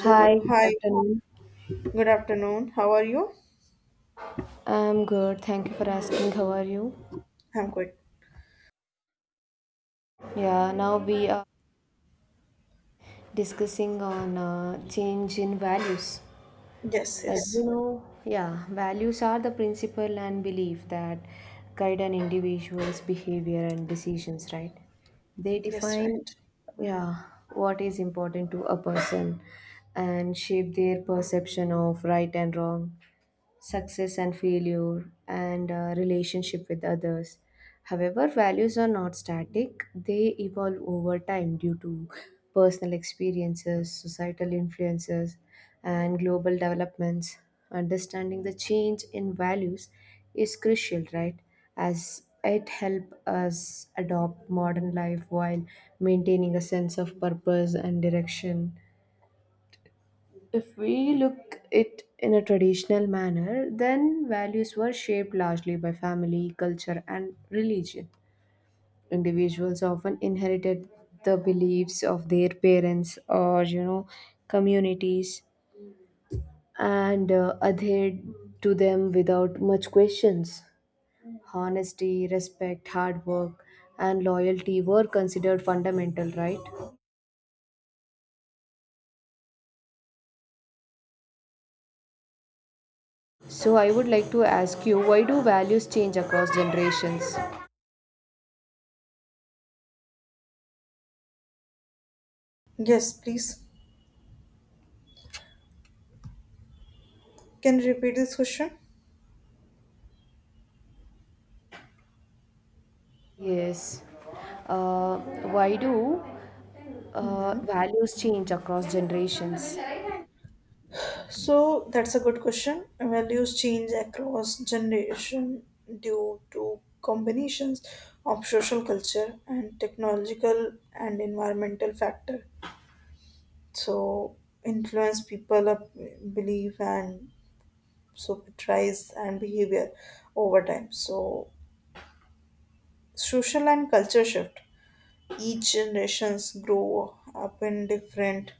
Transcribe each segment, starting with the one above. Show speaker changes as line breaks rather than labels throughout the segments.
Hi, good
hi,
afternoon.
good afternoon. How are you?
I'm good. Thank you for asking. How are you?
I'm good.
Yeah, now we are discussing on change in values.
Yes,
As you
yes,
know, yeah, values are the principle and belief that guide an individual's behavior and decisions, right? They
yes,
define,
right.
yeah, what is important to a person and shape their perception of right and wrong success and failure, and relationship with others. However, values are not static, they evolve over time due to personal experiences, societal influences, and global developments. Understanding the change in values is crucial, right? As it helps us adopt modern life while maintaining a sense of purpose and direction. If we look it in a traditional manner, then values were shaped largely by family, culture, and religion. Individuals often inherited the beliefs of their parents or communities and adhered to them without much questions. Honesty, respect, hard work, and loyalty were considered fundamental, right? So I would like to ask you, why do values change across generations?
Yes, please. Can you repeat this question?
Yes. Uh, why do
hmm
values change across generations?
So, that's a good question. Values change across generation due to combinations of social culture and technological and environmental factor. So, influence people up belief and so price and behavior over time. So, social and culture shift each generations grow up in different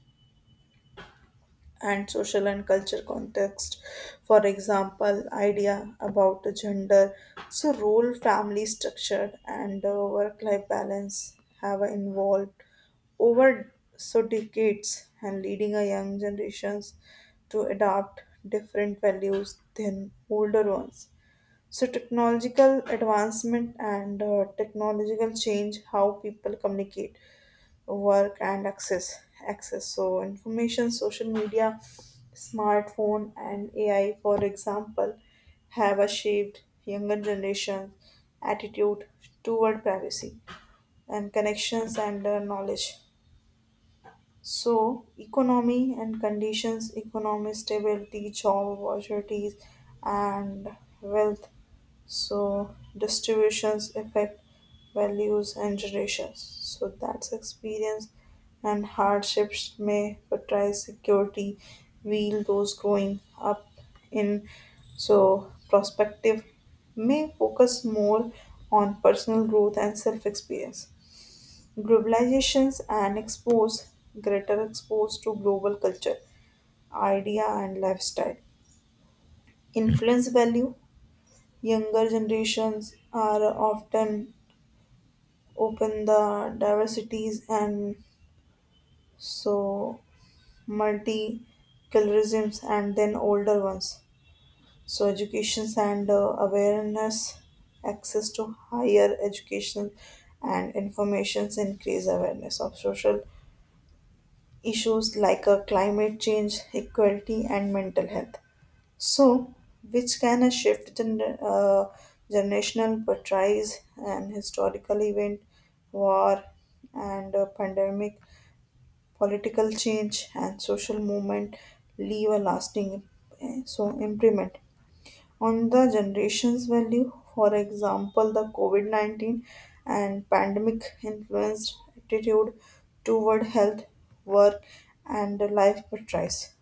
and social and culture context. For example, idea about gender, so role, family structure, and work-life balance have evolved over so decades and leading a young generations to adopt different values than older ones. So technological advancement and technological change how people communicate work and access so information, social media, smartphone, and AI, for example, have a shaped younger generation attitude toward privacy and connections and knowledge. So economy and conditions, economic stability, job opportunities, and wealth, so distributions affect values and generations. So that's experience and hardships may prioritize security, while those growing up in so prospective may focus more on personal growth and self experience. Globalizations and expose, greater expose to global culture, idea, and lifestyle influence value. Younger generations are often open the diversities and so multiculturalisms and then older ones. So educations and awareness, access to higher education and informations increase awareness of social issues like climate change, equality, and mental health. So which can a shift generational portrays and historical event, war and pandemic, political change, and social movement leave a lasting so imprint on the generation's value. For example, the COVID 19 and pandemic influenced attitude toward health, work, and life choice.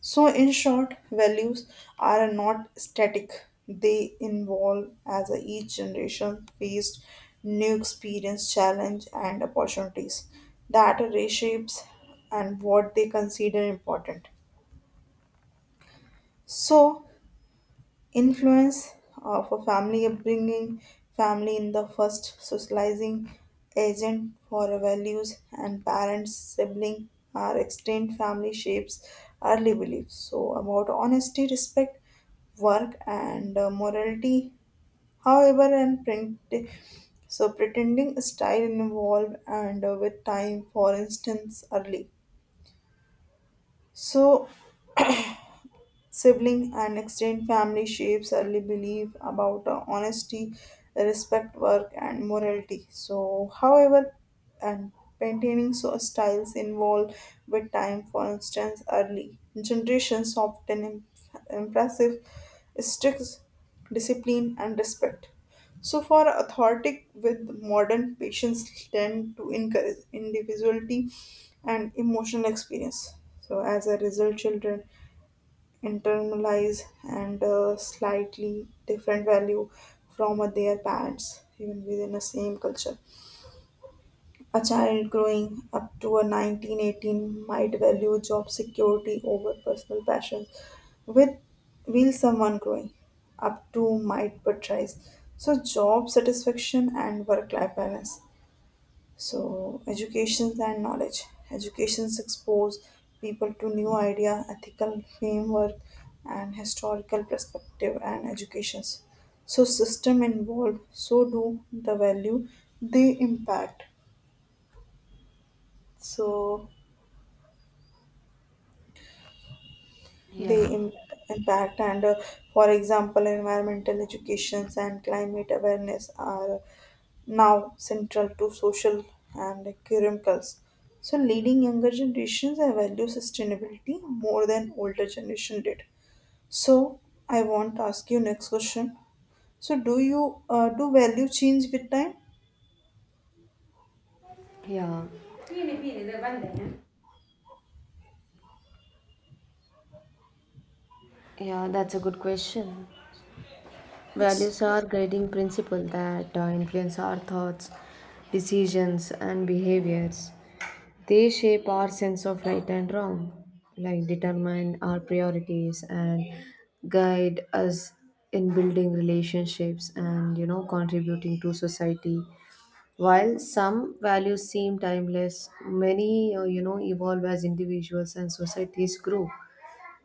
So, in short, values are not static, they evolve as each generation faced new experience, challenge, and opportunities that reshapes and what they consider important. So, influence of a family upbringing, family in the first socializing agent for our values, and parents, sibling are extended family shapes early beliefs. So, about honesty, respect, work, and morality, however, and print. So, pretending style involved and with time, for instance, early. So, sibling and extended family shapes early belief about honesty, respect, work, and morality. So, however, and maintaining so styles involved with time. For instance, early generations often impressive strict discipline and respect. So, for authority with modern patients tend to encourage individuality and emotional experience. So, as a result, children internalize and slightly different value from their parents even within the same culture. A child growing up to a 1918 might value job security over personal passions, with will someone growing up to might prioritize so job satisfaction and work life balance. So, education and knowledge. Educations expose people to new idea, ethical framework, and historical perspective and educations. So, system involved. So do the value, they impact. So, the
Yeah,
impact and for example environmental educations and climate awareness are now central to social and curriculums, so leading younger generations I value sustainability more than older generation did. So I want to ask you next question, so do you do value change with time?
Yeah, yeah, that's a good question.
Yes,
Values are guiding principles that influence our thoughts, decisions, and behaviors. They shape our sense of right and wrong, like determine our priorities and guide us in building relationships and contributing to society. While some values seem timeless, many evolve as individuals and societies grow.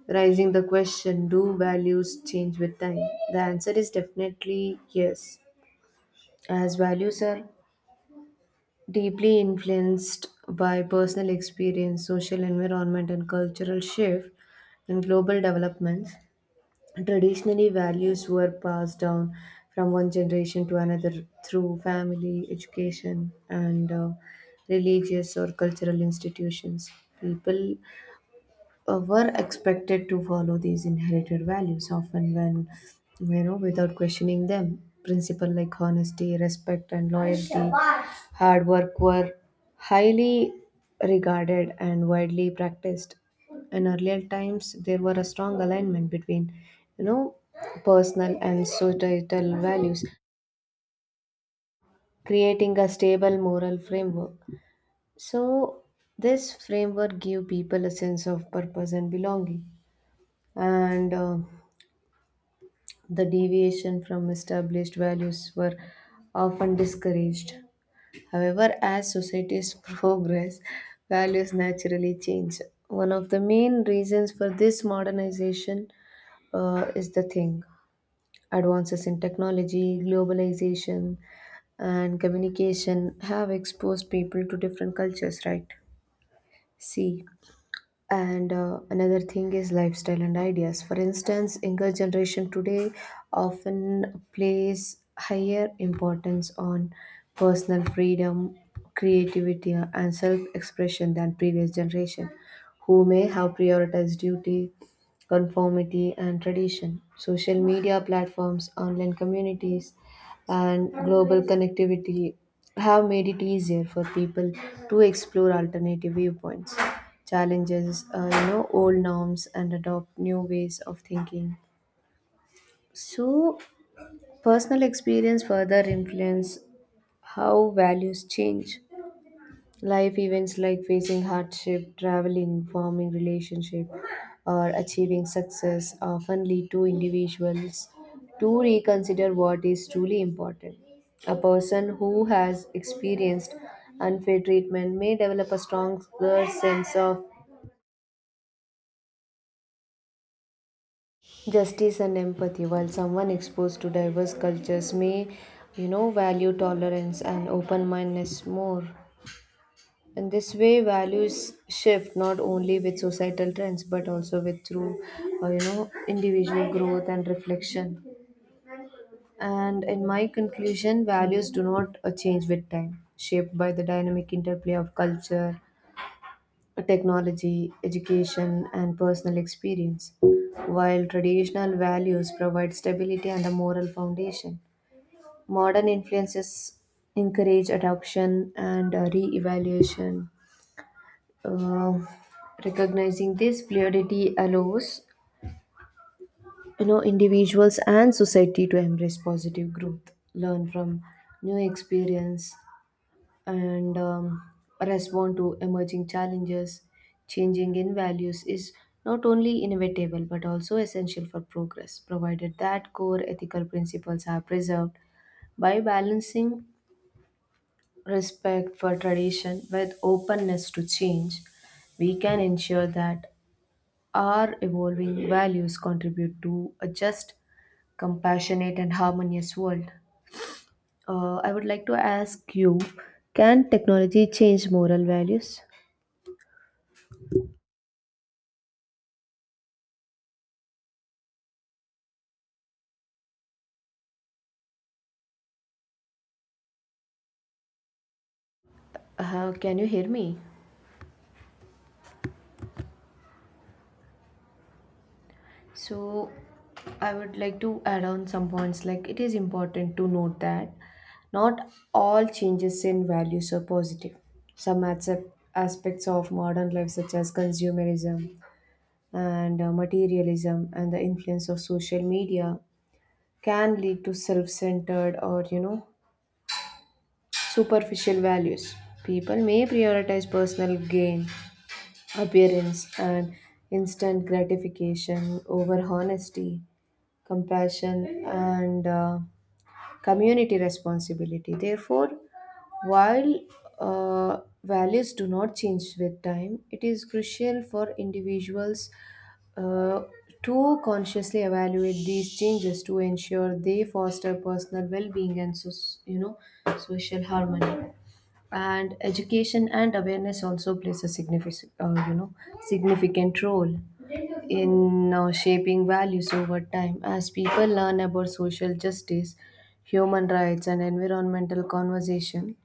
Raising the question, do values change with time? The answer is definitely yes, as values are deeply influenced by personal experience, social environment, and cultural shift and global developments. Traditionally, values were passed down from one generation to another through family, education, and religious or cultural institutions. People were expected to follow these inherited values often when without questioning them principles like honesty respect and loyalty hard work were highly regarded and widely practiced in earlier times there were a strong alignment between you know personal and societal values creating a stable moral framework. So this framework give people a sense of purpose and belonging and the deviation from established values were often discouraged. However, as societies progress, values naturally change. One of the main reasons for this modernization is the thing advances in technology, globalization, and communication have exposed people to different cultures, right? See, and another thing is lifestyle and ideas for instance younger generation today often place higher importance on personal freedom creativity and self-expression than previous generation who may have prioritized duty conformity and tradition social media platforms online communities and global connectivity have made it easier for people to explore alternative viewpoints challenges, old norms and adopt new ways of thinking. So, personal experience further influence how values change. Life events like facing hardship, traveling, forming relationship, or achieving success often lead to individuals to reconsider what is truly important. A person who has experienced unfair treatment may develop a stronger sense of justice and empathy. While someone exposed to diverse cultures may, value tolerance and open mindedness more. In this way, values shift not only with societal trends but also with through, individual growth and reflection. And in my conclusion, values do not change with time, shaped by the dynamic interplay of culture, technology, education, and personal experience, while traditional values provide stability and a moral foundation. Modern influences encourage adoption and re evaluation. Uh, Recognizing this fluidity allows individuals and society to embrace positive growth learn from new experience and respond to emerging challenges, changing in values is not only inevitable but also essential for progress, provided that core ethical principles are preserved. By balancing respect for tradition with openness to change, we can ensure that our evolving values contribute to a just, compassionate, and harmonious world. I would like to ask you can technology change moral values? Can you hear me? So, I would like to add on some points. Like, it is important to note that not all changes in values are positive. Some accept aspects of modern life, such as consumerism and materialism, and the influence of social media, can lead to self centered or, superficial values. People may prioritize personal gain, appearance, and instant gratification over honesty compassion, and community responsibility. Therefore, while values do not change with time, it is crucial for individuals uh, to consciously evaluate these changes to ensure they foster personal well-being and so, you know social harmony and education and awareness also plays a significant significant role in shaping values over time as people learn about social justice human rights and environmental conversation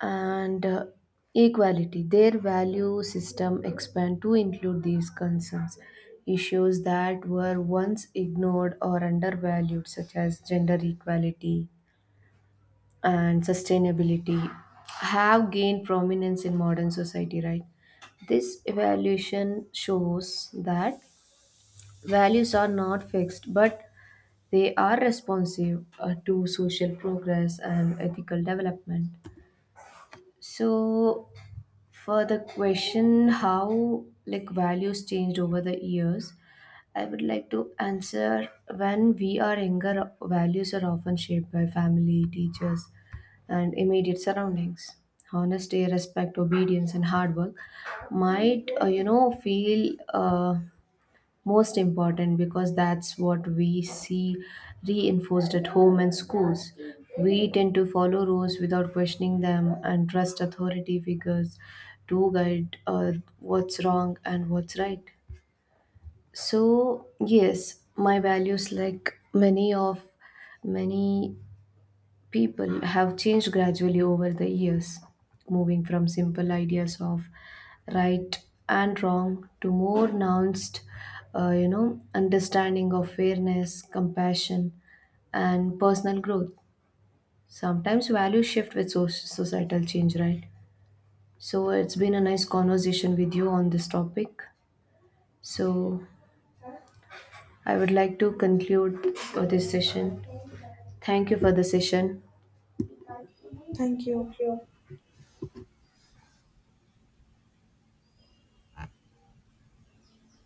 and equality their value system expand to include these concerns issues that were once ignored or undervalued such as gender equality and sustainability have gained prominence in modern society, right? This evaluation shows that values are not fixed, but they are responsive to social progress and ethical development. So, for the question how like values changed over the years I would like to answer when we are younger values are often shaped by family teachers and immediate surroundings honesty respect obedience and hard work might feel most important because that's what we see reinforced at home and schools. We tend to follow rules without questioning them and trust authority figures to guide what's wrong and what's right. So, yes, my values, like many people have changed gradually over the years, moving from simple ideas of right and wrong to more nuanced, understanding of fairness, compassion, and personal growth. Sometimes values shift with societal change, right? So it's been a nice conversation with you on this topic. So I would like to conclude this session. Thank you for the session.
thank you.